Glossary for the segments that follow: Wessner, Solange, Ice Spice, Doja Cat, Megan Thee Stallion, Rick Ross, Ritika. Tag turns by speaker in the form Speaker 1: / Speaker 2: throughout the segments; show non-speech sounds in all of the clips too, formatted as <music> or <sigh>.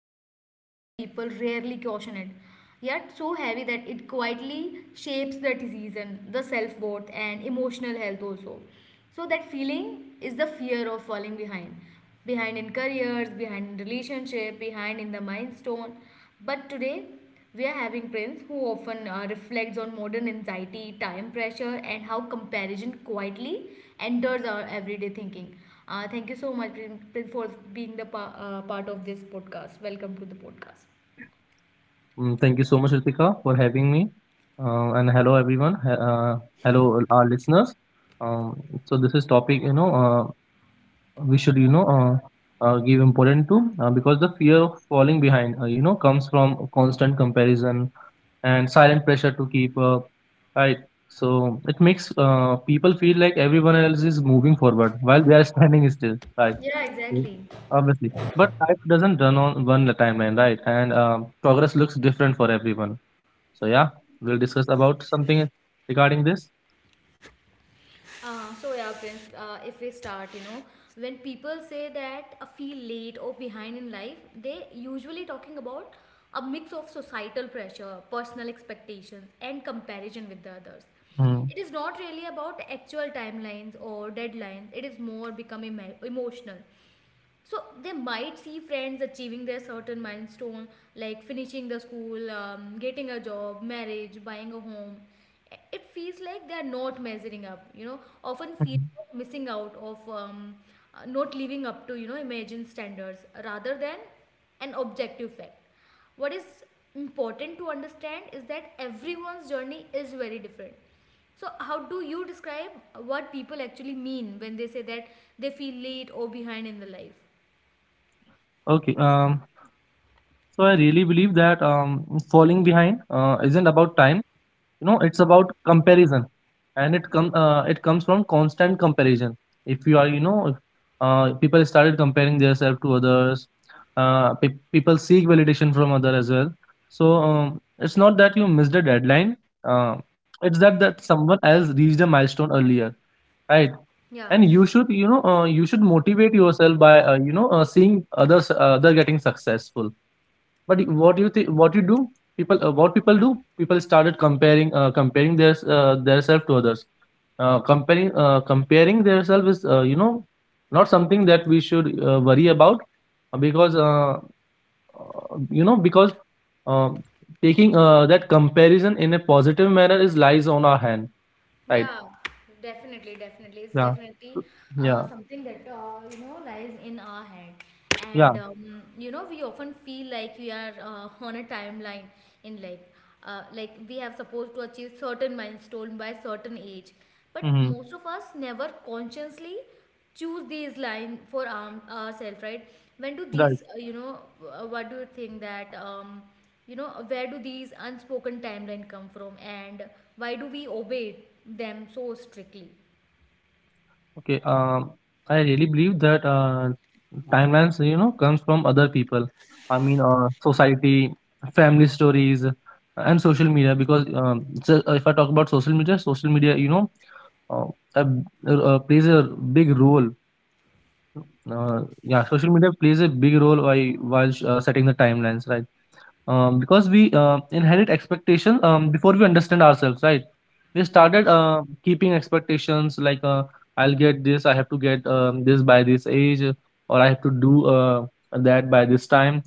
Speaker 1: so common that people rarely caution it, yet so heavy that it quietly shapes the decision, the self worth, and emotional health also. So, that feeling is the fear of falling behind behind in careers, behind in relationship, behind in the milestone. But today, we are having Prince who often reflects on modern anxiety, time pressure, and how comparison quietly enters our everyday thinking. Thank you so much, Prince, for being the part of this podcast. Welcome to the podcast.
Speaker 2: Thank you so much, Ritika, for having me. And hello, everyone. Hello, our listeners. Um, so this is topic we should give important to, because the fear of falling behind comes from constant comparison and silent pressure to keep up, right? So it makes people feel like everyone else is moving forward while they are <laughs> standing still, right?
Speaker 1: Yeah,
Speaker 2: So,
Speaker 1: exactly.
Speaker 2: obviously, but life doesn't run on one timeline, right? And progress looks different for everyone, so yeah, we'll discuss about something regarding this.
Speaker 1: So yeah, Prince. If we start, you know, when people say that I feel late or behind in life, they usually talking about a mix of societal pressure, personal expectations, and comparison with the others.
Speaker 2: Mm.
Speaker 1: It is not really about actual timelines or deadlines. It is more become emotional, so they might see friends achieving their certain milestone like finishing the school, getting a job, marriage, buying a home. It feels like they are not measuring up, you know, often feel
Speaker 2: Mhm.
Speaker 1: of missing out of not living up to, you know, imagined standards rather than an objective fact. What is important to understand is that everyone's journey is very different. So how do you describe what people actually mean when they say that they feel late or behind in the life?
Speaker 2: Okay. So I really believe that falling behind isn't about time. You know, it's about comparison, and it comes from constant comparison. If you are, you know, if, People started comparing themselves to others. People seek validation from other as well. So it's not that you missed a deadline. Uh, it's that someone
Speaker 1: Yeah,
Speaker 2: else reached a milestone earlier. Right, and you should motivate yourself by seeing other getting successful. But what you think what you do people what people do, people started comparing their self to others. Comparing their self is not something that we should worry about, because uh, you know because uh, taking that comparison in a positive manner is lies on our hand, right.
Speaker 1: yeah, definitely, definitely. It's
Speaker 2: Yeah,
Speaker 1: definitely
Speaker 2: yeah,
Speaker 1: something that lies in our head,
Speaker 2: yeah.
Speaker 1: and you know, we often feel like we are on a timeline in life. Like we have supposed to achieve certain milestone by certain age, but
Speaker 2: Hmm.
Speaker 1: most of us never consciously choose these line for ourselves, right? When do
Speaker 2: Right.
Speaker 1: these what do you think that, you know, where do these unspoken timeline come from and why do we obey them so strictly?
Speaker 2: Okay. I really believe that timelines, you know, comes from other people. I mean, society, family stories, and social media. Because so If I talk about social media, you know, plays a big role. Yeah, social media plays a big role while setting the timelines, right? Because we inherit expectations before we understand ourselves, right. We started
Speaker 1: Yeah.
Speaker 2: keeping expectations like, I'll get this, I have to get this by this age. Or I have to do that by this time.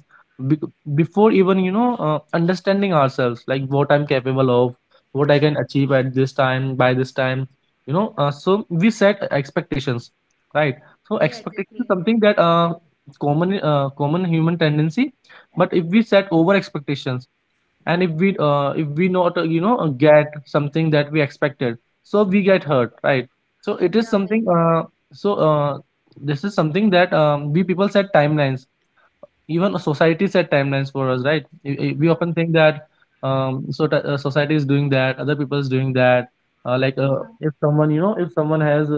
Speaker 2: Be- Before even understanding ourselves, like what I'm capable of, what I can achieve at this time, by this time. So we set expectations, right. So
Speaker 1: Yeah,
Speaker 2: expectation is
Speaker 1: exactly.
Speaker 2: something that, common human tendency. But if we set over expectations, and if we not get something that we expected, so we get hurt, right. So it is
Speaker 1: Yeah, very.
Speaker 2: something. So uh, this is something that, we people set timelines. Even society set timelines for us, right? We
Speaker 1: Yeah.
Speaker 2: often think that society is doing that, other people is doing that.
Speaker 1: Yeah.
Speaker 2: If someone, you know, if someone has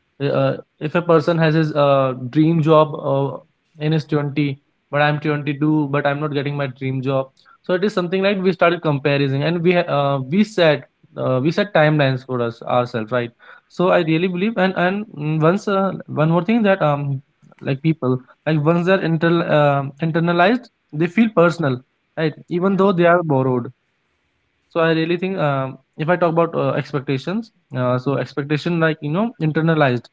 Speaker 2: uh, uh, if a person has his dream job in his 20, but I'm 22, but I'm not getting my dream job. So it is something like we started comparing, and we set timelines for us ourselves, right. So I really believe, and mm, once one more thing, that like people, like once they're internalized, they feel personal, right, even
Speaker 1: Yeah.
Speaker 2: though they are borrowed. So I really think, if I talk about expectations. So expectation, like you know, internalized,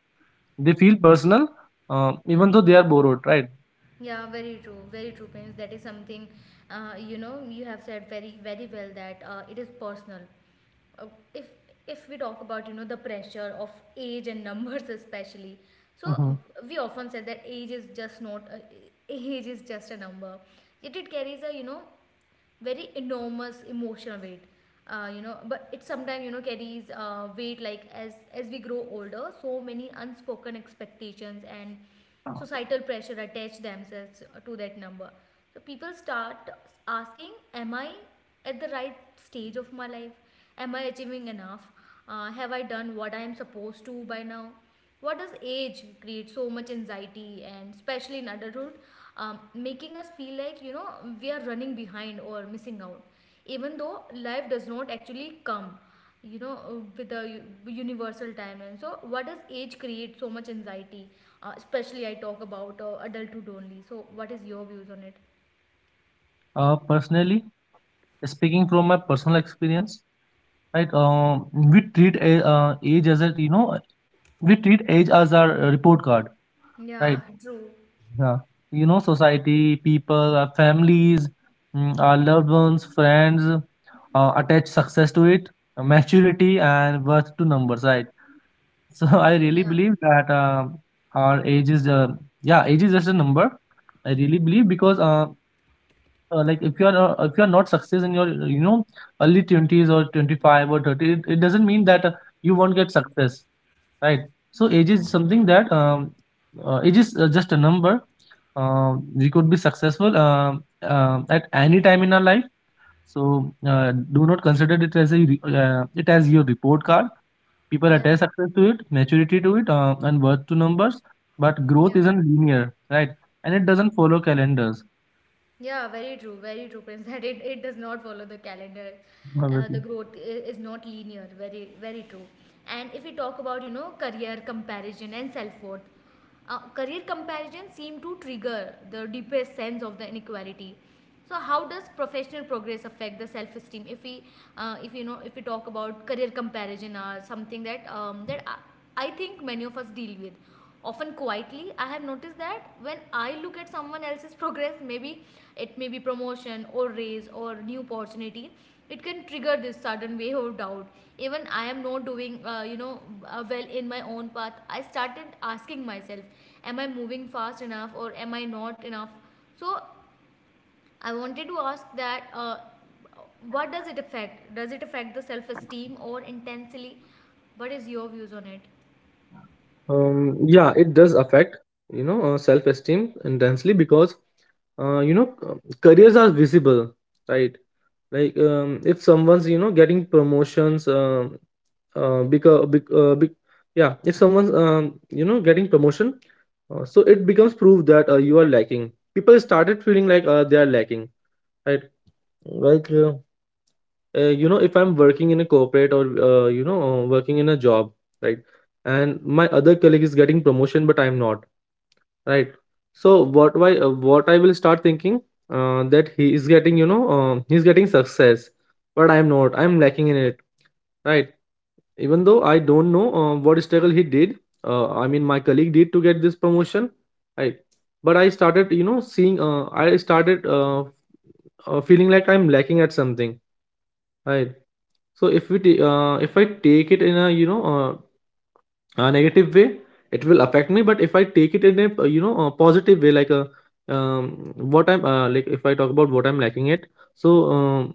Speaker 2: they feel personal, even though they are borrowed, right?
Speaker 1: Yeah, very true, Prince. That is something, you know, you have said very, very well that it is personal. Uh, if if we talk about, you know, the pressure of age and numbers <laughs> especially, so
Speaker 2: Hmm.
Speaker 1: we often said that age is just not age is just a number. Yet it carries a, you know, very enormous emotional weight, you know, but it sometimes, you know, carries weight like as we grow older, so many unspoken expectations and societal pressure attach themselves to that number, so people start asking, am I at the right stage of my life? Am I achieving enough? Have I done what I am supposed to by now? What does age create so much anxiety, and especially in adulthood, making us feel like, you know, we are running behind or missing out, even though life does not actually come, you know, with a universal timeline. So, what does age create so much anxiety? Especially, I talk about adulthood only. So, what is your views on it?
Speaker 2: Personally, speaking from my personal experience, right? We treat a, age as a you know we treat age as our report card,
Speaker 1: Yeah,
Speaker 2: right?
Speaker 1: true.
Speaker 2: Yeah, you know, society, people, our families, our loved ones, friends, attach success to it, maturity, and worth to numbers, right? So <laughs> I really
Speaker 1: Yeah,
Speaker 2: believe that our age is, yeah, age is just a number. I really believe, because if you're not success in your, you know early 20s or 25 or 30, it doesn't mean that you won't get success, right. So age is just a number. We could be successful at any time in our life. So do not consider it as your report card. People
Speaker 1: yeah,
Speaker 2: attach success to it, maturity to it, and worth to numbers. But growth
Speaker 1: yeah.
Speaker 2: isn't linear, right, and it doesn't follow calendars,
Speaker 1: Yeah, very true, Prince. <laughs> That it does not follow the calendar. The
Speaker 2: obviously.
Speaker 1: growth is not linear. Very, very true. And if we talk about, you know, career comparison and self worth, career comparison seem to trigger the deepest sense of the inequality. So how does professional progress affect the self-esteem? If we, if you know, if we talk about career comparison or something that, that I think many of us deal with, often quietly. I have noticed that when I look at someone else's progress, maybe it may be promotion or raise or new opportunity, it can trigger this sudden wave of doubt. Even I am not doing, you know, well in my own path. I started asking myself, am I moving fast enough or am I not enough? So I wanted to ask that, what does it affect? Does it affect the self-esteem or intensely? What is your views on it?
Speaker 2: Yeah, it does affect, self-esteem intensely, because uh, you know uh, careers are visible, right. Like, if someone's, you know, getting promotions, because bec- bec- yeah if someone's, getting promotion, so it becomes proof that you are lacking. People started feeling like they are lacking, right. Like, if I'm working in a corporate, or working in a job, right. And my other colleague is getting promotion, but I'm not, right. So, what I will start thinking, that he is getting, he's getting success, but I'm not, I'm lacking in it, right. Even though I don't know what struggle he did, I mean my colleague did to get this promotion, right. But I started you know seeing I started feeling like I'm lacking at something, right. So if we ta- if I take it in a, a negative way, it will affect me. But if I take it in a you know a positive way, like a um, what I'm, like if I talk about what I'm lacking it, so,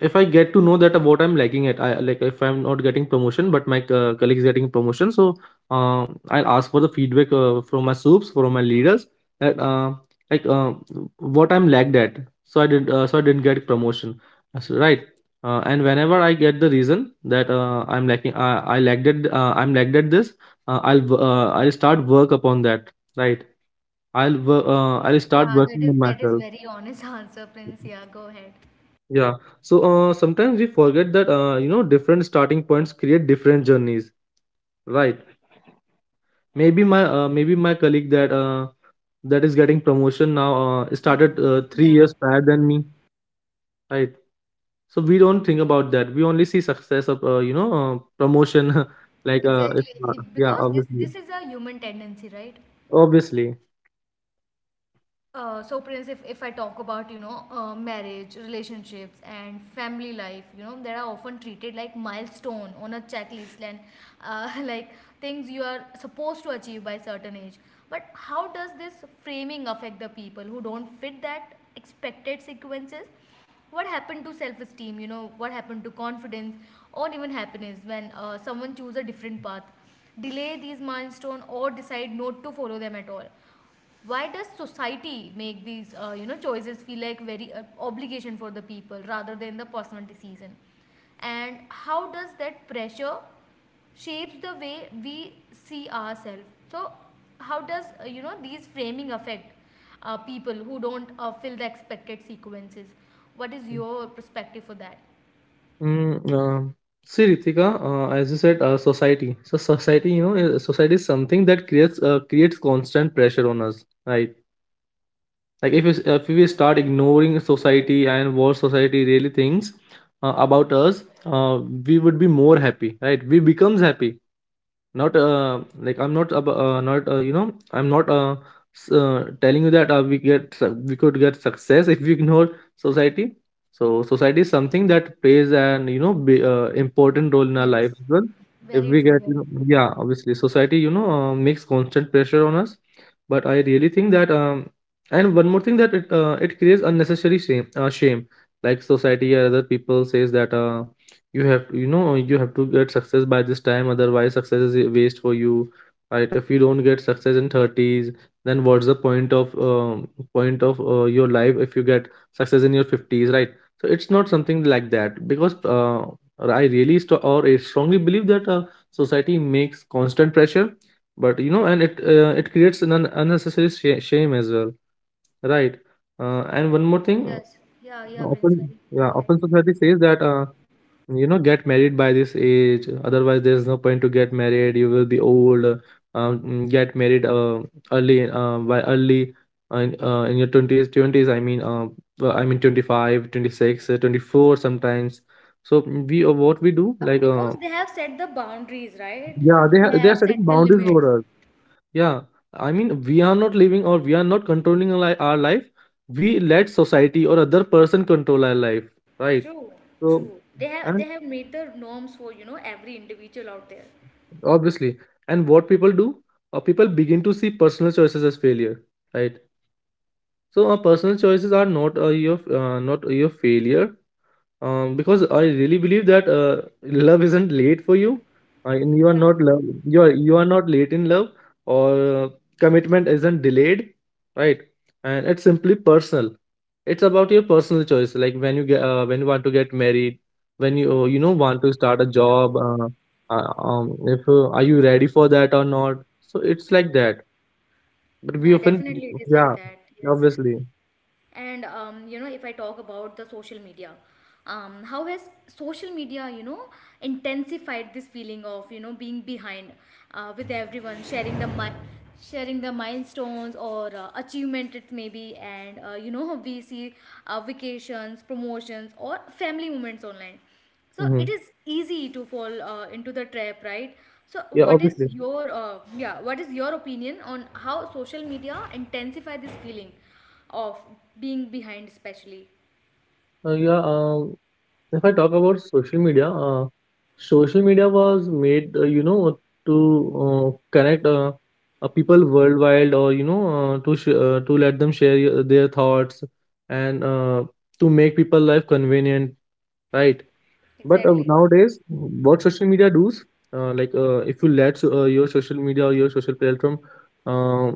Speaker 2: if I get to know that what I'm lacking at, I like if I'm not getting promotion, but my colleagues getting promotion, so, I'll ask for the feedback from my soups, from my leaders, that like uh, what I'm lacked at. So, I didn't get promotion. That's right. And whenever I get the reason that I'm lacking, I lacked at, I'm lagged at this, I'll start work upon that, right. I'll start
Speaker 1: Yeah,
Speaker 2: working on
Speaker 1: that is
Speaker 2: myself.
Speaker 1: very honest <laughs> answer, Prince. Yeah, go ahead.
Speaker 2: Yeah. So, sometimes we forget that, different starting points create different journeys, right. Maybe my colleague that is getting promotion now, started 3
Speaker 1: Yeah,
Speaker 2: years prior than me, right. So we don't think about that, we only see success of, promotion. <laughs> like
Speaker 1: exactly.
Speaker 2: if,
Speaker 1: It-
Speaker 2: Yeah,
Speaker 1: because this
Speaker 2: obviously
Speaker 1: this is a human tendency, right?
Speaker 2: obviously
Speaker 1: So Prince, if I talk about, you know, marriage, relationships, and family life, you know, that are often treated like milestone on a checklist, and <laughs> like things you are supposed to achieve by certain age, but how does this framing affect the people who don't fit that expected sequences? What happened to self-esteem? You know, what happened to confidence or even happiness when someone chooses a different path, delay these milestone, or decide not to follow them at all? Why does society make these, you know, choices feel like very obligation for the people rather than the personal decision? And how does that pressure shapes the way we see ourselves? So, how does, you know, these framing affect people who don't fill the expected sequences? What is your perspective for that?
Speaker 2: mm, uh, See, Ritika, as you said, society so society you know is- society is something that creates constant pressure on us, right. Like if if we start ignoring society and what society really thinks about us, uh, we would be more happy, right, we becomes happy. Not uh, like i'm not ab- uh, not you know I'm not telling you that we could get success <laughs> if we ignore society. So society is something that plays an, important role in our
Speaker 1: Yes.
Speaker 2: life as well. If
Speaker 1: Very
Speaker 2: we
Speaker 1: true.
Speaker 2: get
Speaker 1: Very
Speaker 2: you know, Yeah, obviously, society, makes constant pressure on us. But I really think that and one more thing, that it it creates unnecessary shame, shame. Like society or other people says that, you have to get success by this time, otherwise success is a waste for you, right. If you don't get success in 30s, then what's the point of your life if you get success in your 50s, right. So it's not something like that, because I really st- or I strongly believe that society makes constant pressure, but you know, and it it creates an, unnecessary, shame as well, right. And one more thing.
Speaker 1: Yes. Yeah,
Speaker 2: yeah,
Speaker 1: yeah, Prince.
Speaker 2: Often,
Speaker 1: Very.
Speaker 2: yeah,
Speaker 1: Go ahead.
Speaker 2: often society says that, you know, get married by this age, otherwise there's no point to get married, you will be old. Get married early, in your 20s, I mean, well, I mean 25, 26, 24 sometimes. So mm, we uh, what we do,
Speaker 1: Yeah,
Speaker 2: like.
Speaker 1: because they have set the boundaries, right?
Speaker 2: Yeah, they
Speaker 1: They
Speaker 2: are, they
Speaker 1: have
Speaker 2: are setting
Speaker 1: set the
Speaker 2: boundaries
Speaker 1: limits.
Speaker 2: for us. Yeah, I mean, we are not living, or we are not controlling our life. We let society or other person control our life, right?
Speaker 1: True,
Speaker 2: So,
Speaker 1: true. They
Speaker 2: and
Speaker 1: have made the norms for, you know, every individual out there.
Speaker 2: obviously, and what people do, people begin to see personal choices as failure, right? So, personal choices are not, your, not your failure. Because I really believe that love isn't late for you. I mean, you are
Speaker 1: Yeah,
Speaker 2: not love. You are not late in love, or commitment isn't delayed, right? And it's simply personal. It's about your personal choice. Like when you want to get married, when you you know want to start a
Speaker 1: yeah,
Speaker 2: job. If Are you ready for that or not? So it's like that. But we
Speaker 1: Yeah,
Speaker 2: often,
Speaker 1: definitely it is like
Speaker 2: yeah,
Speaker 1: that. Yes.
Speaker 2: obviously,
Speaker 1: And you know, if I talk about the social media, how has social media, you know, intensified this feeling of, you know, being behind, with everyone sharing the mi sharing the milestones or achievement it may be, and you know, we see, vacations, promotions, or family moments online. So
Speaker 2: hmm,
Speaker 1: it is easy to fall into the trap, right? So
Speaker 2: yeah,
Speaker 1: what is
Speaker 2: obviously,
Speaker 1: your, yeah, what is your opinion on how social media intensify this feeling of being behind especially?
Speaker 2: yeah. If I talk about social media was made, you know, to connect people worldwide, or, you know, to let them share their thoughts, and to make people life convenient, right? But
Speaker 1: Exactly.
Speaker 2: nowadays, what social media does, if you let your social media or your social platform, uh,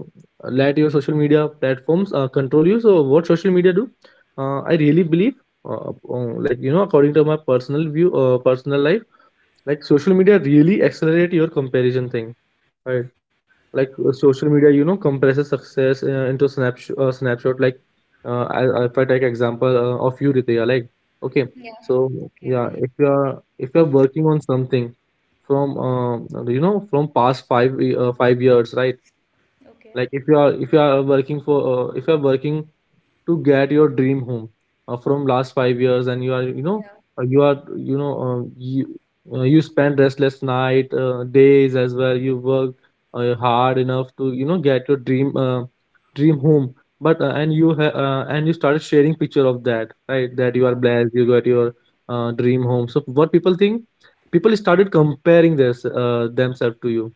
Speaker 2: let your social media platforms control you. So what social media do? I really believe, like, you know, according to my personal view, personal life, like social media really accelerate your comparison thing. Right. Like social media, you know, compresses success into snapshot, like, if I take example of you, Ritesh, like. Okay,
Speaker 1: Yeah.
Speaker 2: so,
Speaker 1: <laughs> Okay.
Speaker 2: yeah, if you are working on something from you know, from past 5 years, right?
Speaker 1: Okay.
Speaker 2: Like if you are working for, if you are working to get your dream home, from last 5 years, and you are you know
Speaker 1: Yeah.
Speaker 2: you are you know you you spend restless night, days as well. You work hard enough to, you know, get your dream home, but and and you started sharing picture of that, right? That you
Speaker 1: Yeah.
Speaker 2: are blessed, you got your dream home. So what people think? People started comparing this themselves to you,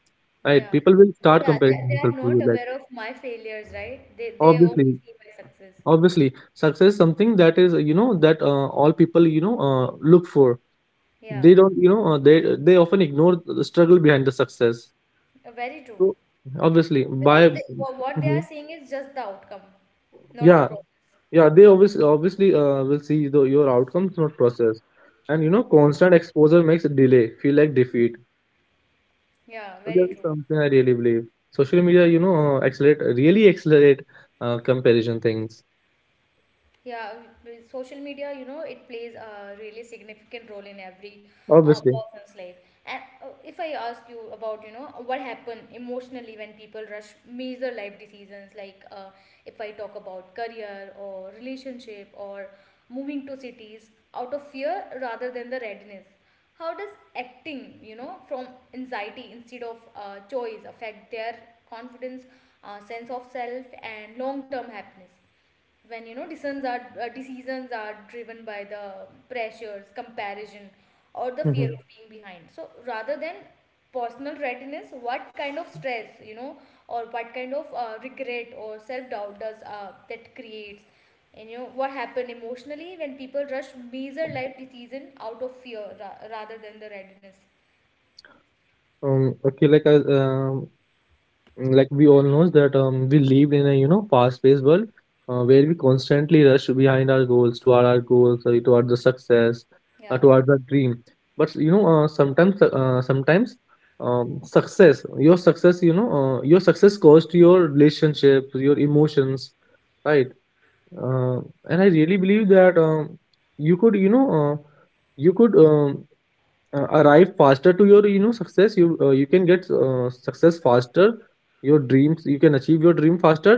Speaker 2: right?
Speaker 1: Yeah.
Speaker 2: People will start
Speaker 1: Yeah.
Speaker 2: comparing
Speaker 1: They
Speaker 2: themselves
Speaker 1: are
Speaker 2: to
Speaker 1: not
Speaker 2: you, like.
Speaker 1: aware of my failures, right? They
Speaker 2: obviously
Speaker 1: only see my success.
Speaker 2: obviously success is something that is, you know, that all people, you know, look for.
Speaker 1: Yeah.
Speaker 2: They don't, you know, they often ignore the struggle behind the success.
Speaker 1: Very true.
Speaker 2: So obviously
Speaker 1: Because
Speaker 2: by
Speaker 1: they, what they are
Speaker 2: Mhm.
Speaker 1: seeing is just the outcome, not the
Speaker 2: Yeah,
Speaker 1: process.
Speaker 2: yeah, they obviously will see your outcomes, not process. And, you know, constant exposure makes delay feel like defeat.
Speaker 1: Yeah.
Speaker 2: So that
Speaker 1: Very
Speaker 2: is
Speaker 1: true.
Speaker 2: something I really believe. Social media, you know, accelerate really accelerate comparison things.
Speaker 1: Yeah, with social media, you know, it plays a really significant role in every
Speaker 2: Obviously.
Speaker 1: person's life. And if I ask you about, you know, what happened emotionally when people rush major life decisions, like, if I talk about career or relationship or moving to cities out of fear rather than the readiness, how does acting, you know, from anxiety instead of choice affect their confidence, sense of self, and long-term happiness? When, you know, decisions are driven by the pressures, comparison, or the fear
Speaker 2: Mhm.
Speaker 1: of being behind, so rather than personal readiness, what kind of stress, you know, or what kind of regret or self doubt does that creates? And you know, what happened emotionally when people rush major life decision out of fear rather than the readiness?
Speaker 2: Okay. Like we all knows that we live in a, you know, fast-paced world, where we constantly rush behind our goals, toward our goals, toward the success,
Speaker 1: Yeah,
Speaker 2: toward the dream. But, you know, sometimes, success your success you know your success cost your relationships, your emotions, right? uh, and I really believe that you could you know you could arrive faster to your, you know, success. You can get success faster. Your dreams, you can achieve your dream faster.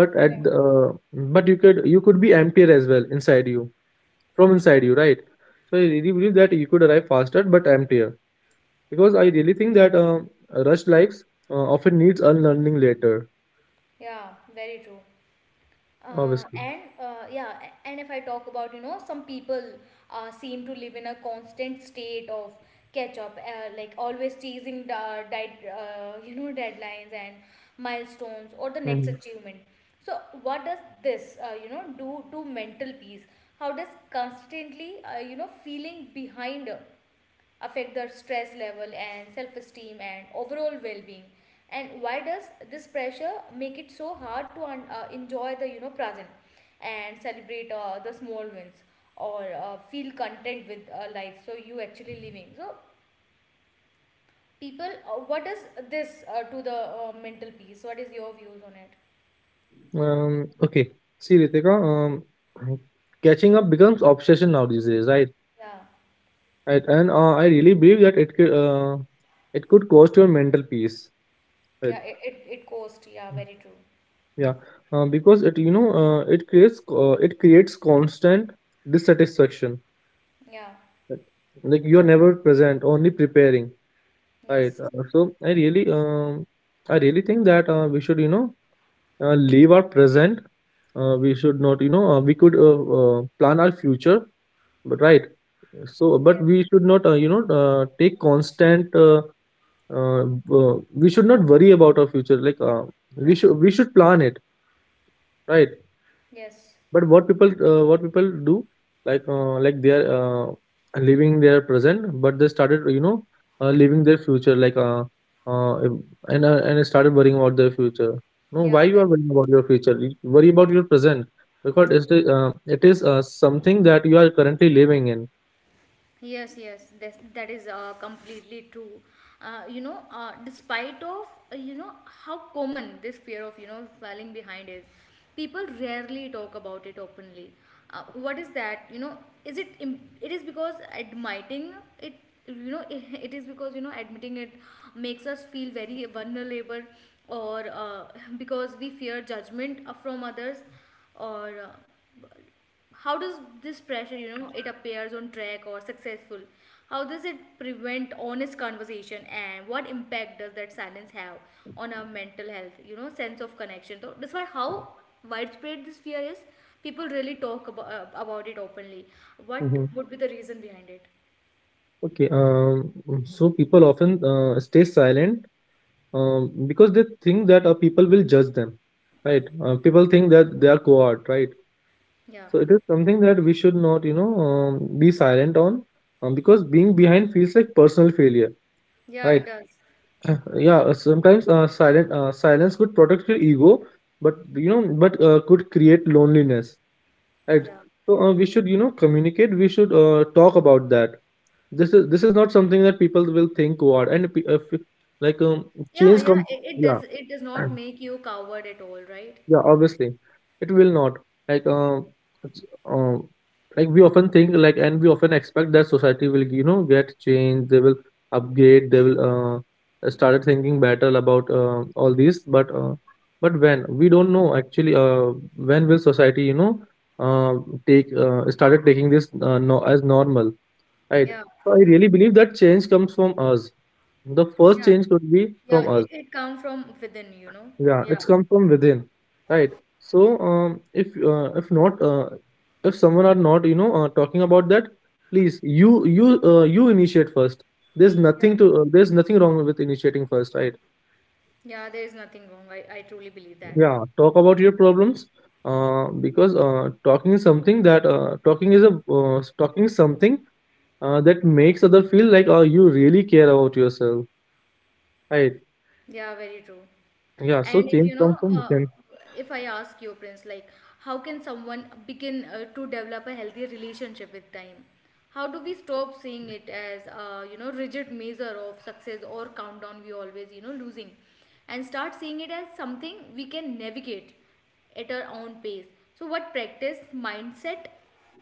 Speaker 2: but at
Speaker 1: yeah,
Speaker 2: the- uh, but you could be emptier as well inside you, right? So I really believe that you could arrive faster but emptier, because I really think that rushed lives often needs unlearning later.
Speaker 1: yeah, very true.
Speaker 2: Obviously.
Speaker 1: And yeah, and if I talk about, you know, some people seem to live in a constant state of catch up, like always chasing the <laughs> you know, deadlines and milestones or the next
Speaker 2: Mhm.
Speaker 1: achievement. So, what does this, you know, do to mental peace? How does constantly, you know, feeling behind affect their stress level and self esteem and overall well being? And why does this pressure make it so hard to enjoy the, you know, present and celebrate the small wins or feel content with life? So you actually living. So people, what is this, to the, mental peace? What is your views on it?
Speaker 2: um okay. See, Ritika, catching up becomes obsession now these days, right?
Speaker 1: Yeah,
Speaker 2: Right. And I really believe that it could cost your mental peace. Right.
Speaker 1: yeah, it cost. Yeah,
Speaker 2: Mm.
Speaker 1: very true.
Speaker 2: Yeah, because it you know it creates constant dissatisfaction.
Speaker 1: Yeah,
Speaker 2: Right? Like, you are never present, only preparing. Right.
Speaker 1: yes,
Speaker 2: So I really think that we should, you know, leave our present. We should not, you know, we could, plan our future, but right. So but
Speaker 1: yes,
Speaker 2: we should not, you know, take constant, we should not worry about our future, like we should plan it, right?
Speaker 1: yes.
Speaker 2: But what people do, like they are, living their present, but they started, you know, living their future, like, uh, and started worrying about their future. No, why
Speaker 1: Yeah,
Speaker 2: you
Speaker 1: very
Speaker 2: are worrying about your future? You worry about your present, because it is something that you are currently living in.
Speaker 1: Yes, yes, that's, that is completely true. You know, despite of, you know, how common this fear of, you know, falling behind is, people rarely talk about it openly. What is that? You know, is it? It is because admitting it. You know, <laughs> it is because you know admitting it makes us feel very vulnerable, or <laughs> because we fear judgment from others, or how does this pressure, you know, it appears on track or successful? How does it prevent honest conversation and what impact does that silence have on our mental health, you know, sense of connection? So that's why, how widespread this fear is, people really talk about it openly? What
Speaker 2: Hmm.
Speaker 1: would be the reason behind it?
Speaker 2: Okay. So people often stay silent, because they think that people will judge them, right? People think that they are coward, right?
Speaker 1: Yeah,
Speaker 2: So it is something that we should not, you know, be silent on, because being behind feels like personal failure,
Speaker 1: yeah,
Speaker 2: right?
Speaker 1: it does.
Speaker 2: <clears throat> Yeah, sometimes silent silence could protect your ego, but, you know, but could create loneliness, right?
Speaker 1: Yeah,
Speaker 2: So we should, you know, communicate. We should talk about that. This is not something that people will think cohort and like,
Speaker 1: yeah,
Speaker 2: change
Speaker 1: yeah,
Speaker 2: comes,
Speaker 1: it
Speaker 2: yeah.
Speaker 1: does. It does
Speaker 2: <clears throat>
Speaker 1: not make you coward at all, right?
Speaker 2: Yeah, obviously, it will not. Like, it's, uh, like we often think, like, and we often expect that society will, you know, get changed. They will upgrade. They will started thinking better about all these. But when we don't know actually, when will society, you know, uh, take started taking this no, as normal, right?
Speaker 1: Yeah,
Speaker 2: So I really believe that change comes from us. The first
Speaker 1: yeah,
Speaker 2: change could be
Speaker 1: yeah,
Speaker 2: from us.
Speaker 1: it comes from within, you know.
Speaker 2: Yeah,
Speaker 1: Yeah.
Speaker 2: it's come from within, right? So, if someone are not, you know, talking about that, please, you initiate first.
Speaker 1: Yeah,
Speaker 2: There's nothing wrong with initiating first, right?
Speaker 1: Yeah, there is nothing wrong. I truly believe that.
Speaker 2: Yeah, talk about your problems, because talking is something that makes other feel like you really care about yourself, right?
Speaker 1: Yeah, very true.
Speaker 2: Yeah, so
Speaker 1: And if
Speaker 2: change
Speaker 1: you know,
Speaker 2: comes from
Speaker 1: uh,
Speaker 2: within.
Speaker 1: if I ask you, Prince, like, how can someone begin to develop a healthy relationship with time? How do we stop seeing it as, a you know, rigid measure of success or countdown we always, you know, losing, and start seeing it as something we can navigate at our own pace. So, what practice, mindset,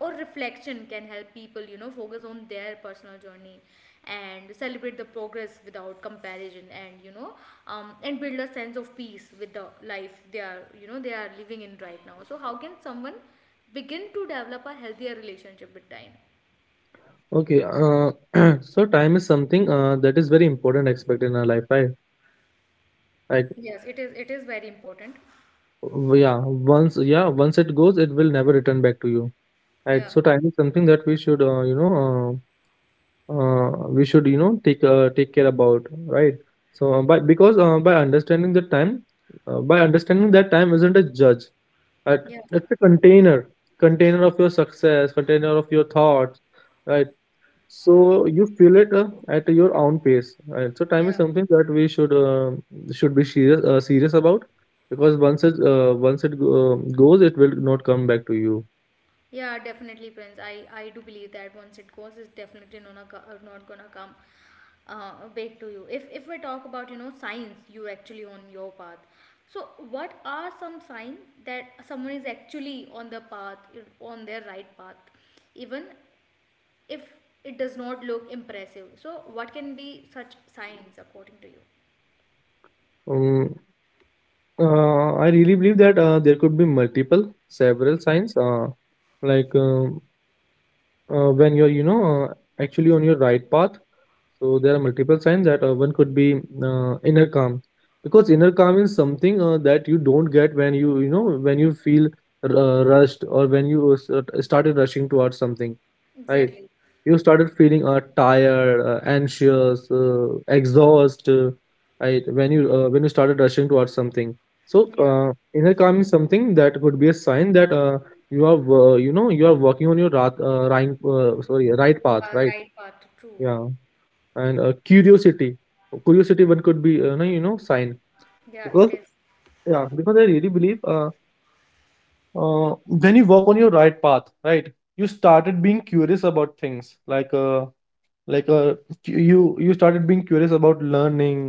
Speaker 1: or reflection can help people, you know, focus on their personal journey and celebrate the progress without comparison, and and build a sense of peace with the life they are, you know, they are living in right now. So, how can someone begin to develop a healthier relationship with time?
Speaker 2: Okay, <clears throat> so time is something that is very important aspect in our life, right? Like,
Speaker 1: Yes, it is. It is very important.
Speaker 2: yeah, once it goes, it will never return back to you, right?
Speaker 1: Yeah,
Speaker 2: So time is something that we should, you know, we should, you know, take care about, right? So by understanding that time isn't a judge, right?
Speaker 1: yeah,
Speaker 2: It's a container, container of your success, container of your thoughts, right? So you feel it at your own pace. And so time
Speaker 1: yeah.
Speaker 2: is something that we should be serious about, because goes, it will not come back to you.
Speaker 1: Yeah, definitely, Prince. I do believe that once it goes, it's definitely not gonna, not gonna come back to you. If we talk about you know signs, you actually on your path. So, what are some signs that someone is actually on the path, on their right path, even if it does not look impressive? So, what can be such signs according to you?
Speaker 2: Um, I really believe that there could be multiple several signs, like um, when you're, you know, actually on your right path. So there are multiple signs. That one could be inner calm, because inner calm is something that you don't get when you feel rushed, or when you started rushing towards something, right?
Speaker 1: Exactly.
Speaker 2: You started feeling tired, anxious, exhaust, right? When you started rushing towards something. So
Speaker 1: Yeah.
Speaker 2: inner calm is something that could be a sign that you are you know, you are working on your right, sorry right
Speaker 1: You
Speaker 2: path,
Speaker 1: are
Speaker 2: right?
Speaker 1: right path. True.
Speaker 2: Yeah. And curiosity one could be, no, you know, sign,
Speaker 1: Yeah,
Speaker 2: because,
Speaker 1: it is.
Speaker 2: yeah, because I really believe when you walk on your right path, right? You started being curious about things, like you started being curious about learning,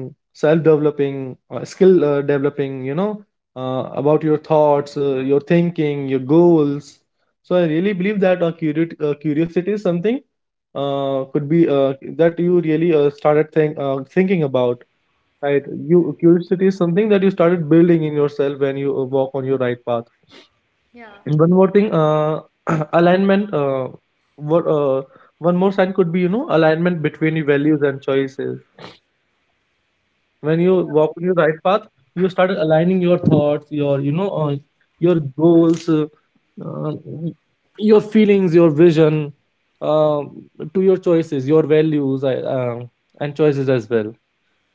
Speaker 2: self developing skill, developing, you know, about your thoughts, your thinking, your goals. So I really believe that curiosity is something could be that you really started thinking about. Right. You curiosity is something that you started building in yourself when you walk on your right path.
Speaker 1: Yeah.
Speaker 2: And one more thing, <clears throat> alignment. What, one more sign could be, you know, alignment between your values and choices. When you
Speaker 1: Yeah,
Speaker 2: walk on
Speaker 1: very
Speaker 2: your
Speaker 1: true.
Speaker 2: right path, you started aligning your thoughts, your, you know, your goals, uh, your feelings, your vision, um to your choices, your values, I and choices as well.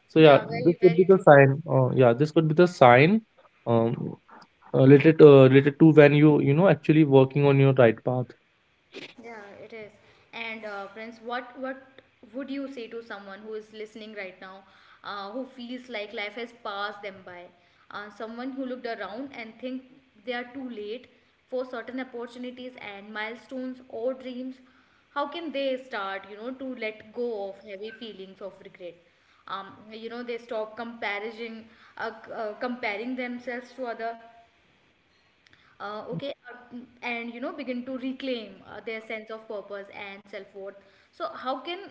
Speaker 2: So yeah,
Speaker 1: Yeah.
Speaker 2: this
Speaker 1: Very
Speaker 2: could be
Speaker 1: very
Speaker 2: the
Speaker 1: true, Prince.
Speaker 2: sign. Yeah, this could be the sign, um, related to when you know actually working on your right path.
Speaker 1: Yeah, it is. And Prince, what would you say to someone who is listening right now, who feels like life has passed them by? Someone who looked around and think they are too late for certain opportunities and milestones or dreams. How can they start, you know, to let go of heavy feelings of regret? You know, they stop comparison, comparing themselves to other, uh, okay uh, and you know begin to reclaim their sense of purpose and self-worth. So how can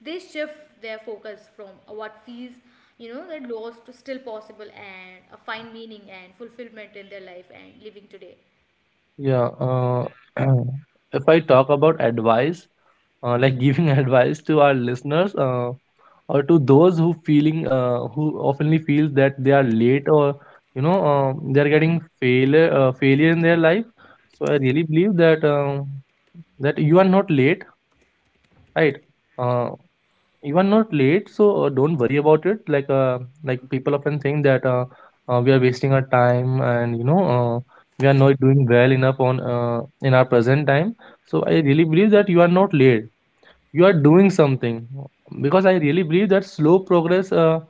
Speaker 1: they shift their focus from what feels, you know, that loss to still possible, and find meaning and fulfillment in their life and living today.
Speaker 2: Yeah. <clears throat> If I talk about advice, like giving <laughs> advice to our listeners, or to those who feeling, who oftenly feels that they are late, or, you know, they are getting failure in their life. So I really believe that that you are not late, right? Uh, You are not late, so don't worry about it. Like people often think that we are wasting our time, and we are not doing well enough on in our present time. So I really believe that you are not late, you are doing something, because I really believe that slow progress,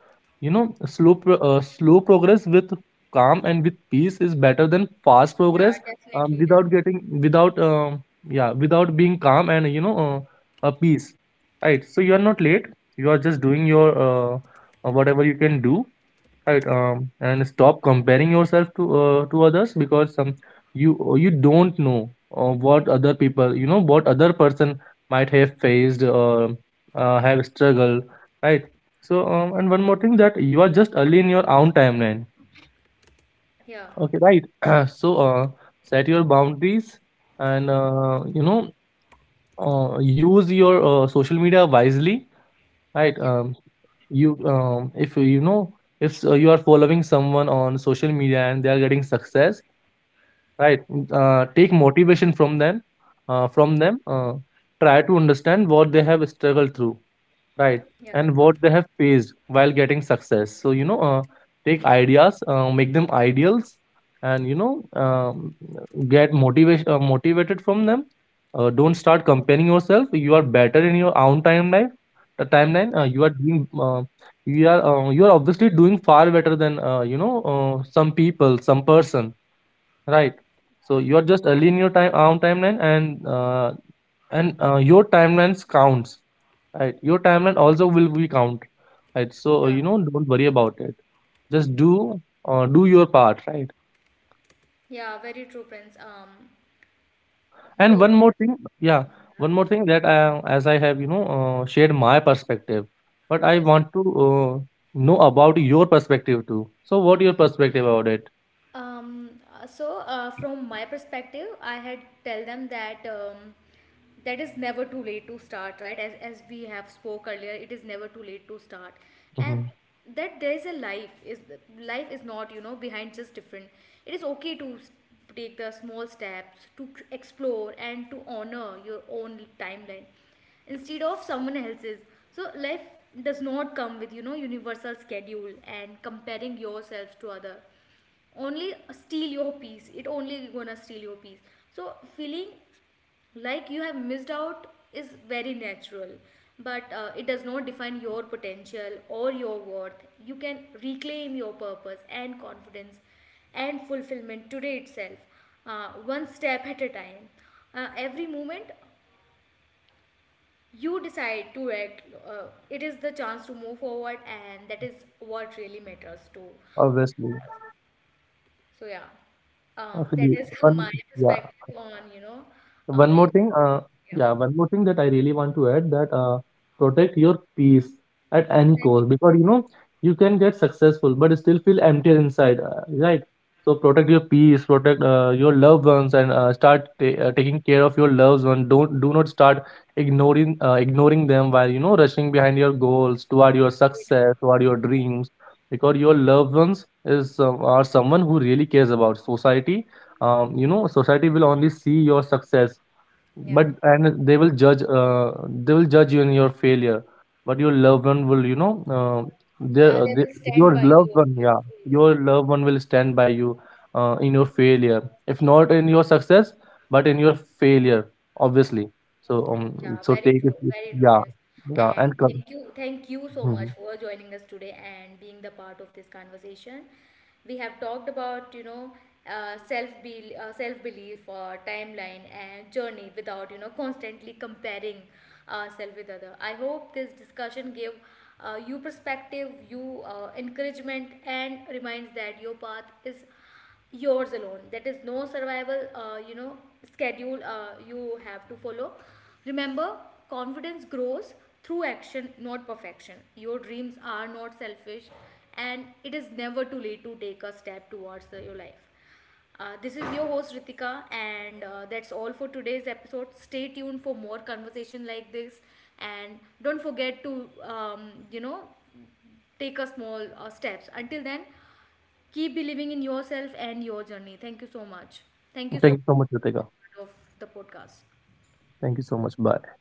Speaker 2: you know slow progress with calm and with peace is better than fast
Speaker 1: Yeah,
Speaker 2: progress,
Speaker 1: definitely,
Speaker 2: without
Speaker 1: definitely.
Speaker 2: getting, without um, yeah without being calm and, peace. Right, so you are not late, you are just doing your whatever you can do, right? And stop comparing yourself to others, because you you don't know what other people, what other person might have faced or have struggled, right? So, and one more thing, that you are just early in your own timeline,
Speaker 1: Yeah,
Speaker 2: okay, right? <clears throat> So, set your boundaries and, you know, use your social media wisely, right?
Speaker 1: yeah,
Speaker 2: You, if you know, if you are following someone on social media and they are getting success, right. Take motivation from them, uh, from them uh, try to understand what they have struggled through. Right.
Speaker 1: yeah,
Speaker 2: And what they have faced while getting success. So, you know, take ideas, make them ideals, and, you know, get motivation, motivated from them. Don't start comparing yourself. You are better in your own timeline. The timeline
Speaker 1: yeah,
Speaker 2: you are doing, you are obviously doing far better than, some people, some person, right? So you are just early in your time own timeline, and your timelines counts. Right. Your timeline also will be count. Right. So,
Speaker 1: yeah,
Speaker 2: you know, don't worry about it. Just do, do your part, right?
Speaker 1: yeah, very true, Prince.
Speaker 2: And
Speaker 1: Your
Speaker 2: one more
Speaker 1: words.
Speaker 2: thing, yeah,
Speaker 1: Yeah.
Speaker 2: one more thing, that I, as I have, shared my perspective, but I
Speaker 1: Yes.
Speaker 2: want to know about your perspective too. So what your perspective about it?
Speaker 1: So, from my perspective, I had tell them that that is never too late to start, right? As we have spoke earlier, it is never too late to start,
Speaker 2: Hmm.
Speaker 1: and that there is a life is not you know behind just different. It is okay to take the small steps to explore and to honor your own timeline instead of someone else's. So life does not come with you know universal schedule, and comparing yourself to other only steal your peace it only gonna steal your peace. So feeling like you have missed out is very natural, but it does not define your potential or your worth. You can reclaim your purpose and confidence and fulfillment today itself, one step at a time. Every moment you decide to act, it is the chance to move forward, and that is what really matters to all
Speaker 2: Obviously.
Speaker 1: of us. So yeah, that
Speaker 2: Obviously,
Speaker 1: is <laughs>
Speaker 2: one,
Speaker 1: my
Speaker 2: yeah.
Speaker 1: perspective on you know,
Speaker 2: One
Speaker 1: feeling.
Speaker 2: more thing,
Speaker 1: Yeah,
Speaker 2: yeah, one more thing that I really want to add, that protect your peace at any
Speaker 1: exactly.
Speaker 2: cost, because you know, you can get successful but still feel empty inside, right? So protect your peace, protect your loved ones, and start ta taking care of your loved ones. Don't, do not start ignoring, ignoring them while, you know, rushing behind your goals, toward your success, toward your dreams, because your loved ones is, are someone who really cares about society. You know, society will only see your success,
Speaker 1: Yeah,
Speaker 2: but and they will judge, they will judge you in your failure, but your loved one will, you know, uh, their
Speaker 1: yeah,
Speaker 2: uh,
Speaker 1: they
Speaker 2: they,
Speaker 1: will stand
Speaker 2: your
Speaker 1: by you.
Speaker 2: loved one,
Speaker 1: Always.
Speaker 2: yeah, your loved one will stand by you in your failure, if not in your success, but in your failure, obviously. So,
Speaker 1: Yeah,
Speaker 2: so take it with-
Speaker 1: very true,
Speaker 2: yeah.
Speaker 1: Prince.
Speaker 2: Yeah,
Speaker 1: And
Speaker 2: and come.
Speaker 1: thank you so much
Speaker 2: Mhm.
Speaker 1: for joining us today and being the part of this conversation. We have talked about, you know, self belief, timeline, and journey without, you know, constantly comparing ourselves with other. I hope this discussion gave you perspective, you encouragement, and reminds that your path is yours alone. That is no survival, you know, schedule you have to follow. Remember, confidence grows through action, not perfection. Your dreams are not selfish, and it is never too late to take a step towards your life. This is your host Ritika, and that's all for today's episode. Stay tuned for more conversation like this, and don't forget to, you know, take a small steps. Until then, keep believing in yourself and your journey. Thank you so much. Thank you so
Speaker 2: Thank you so much, Ritika.
Speaker 1: much of the podcast.
Speaker 2: Thank you so much, bye.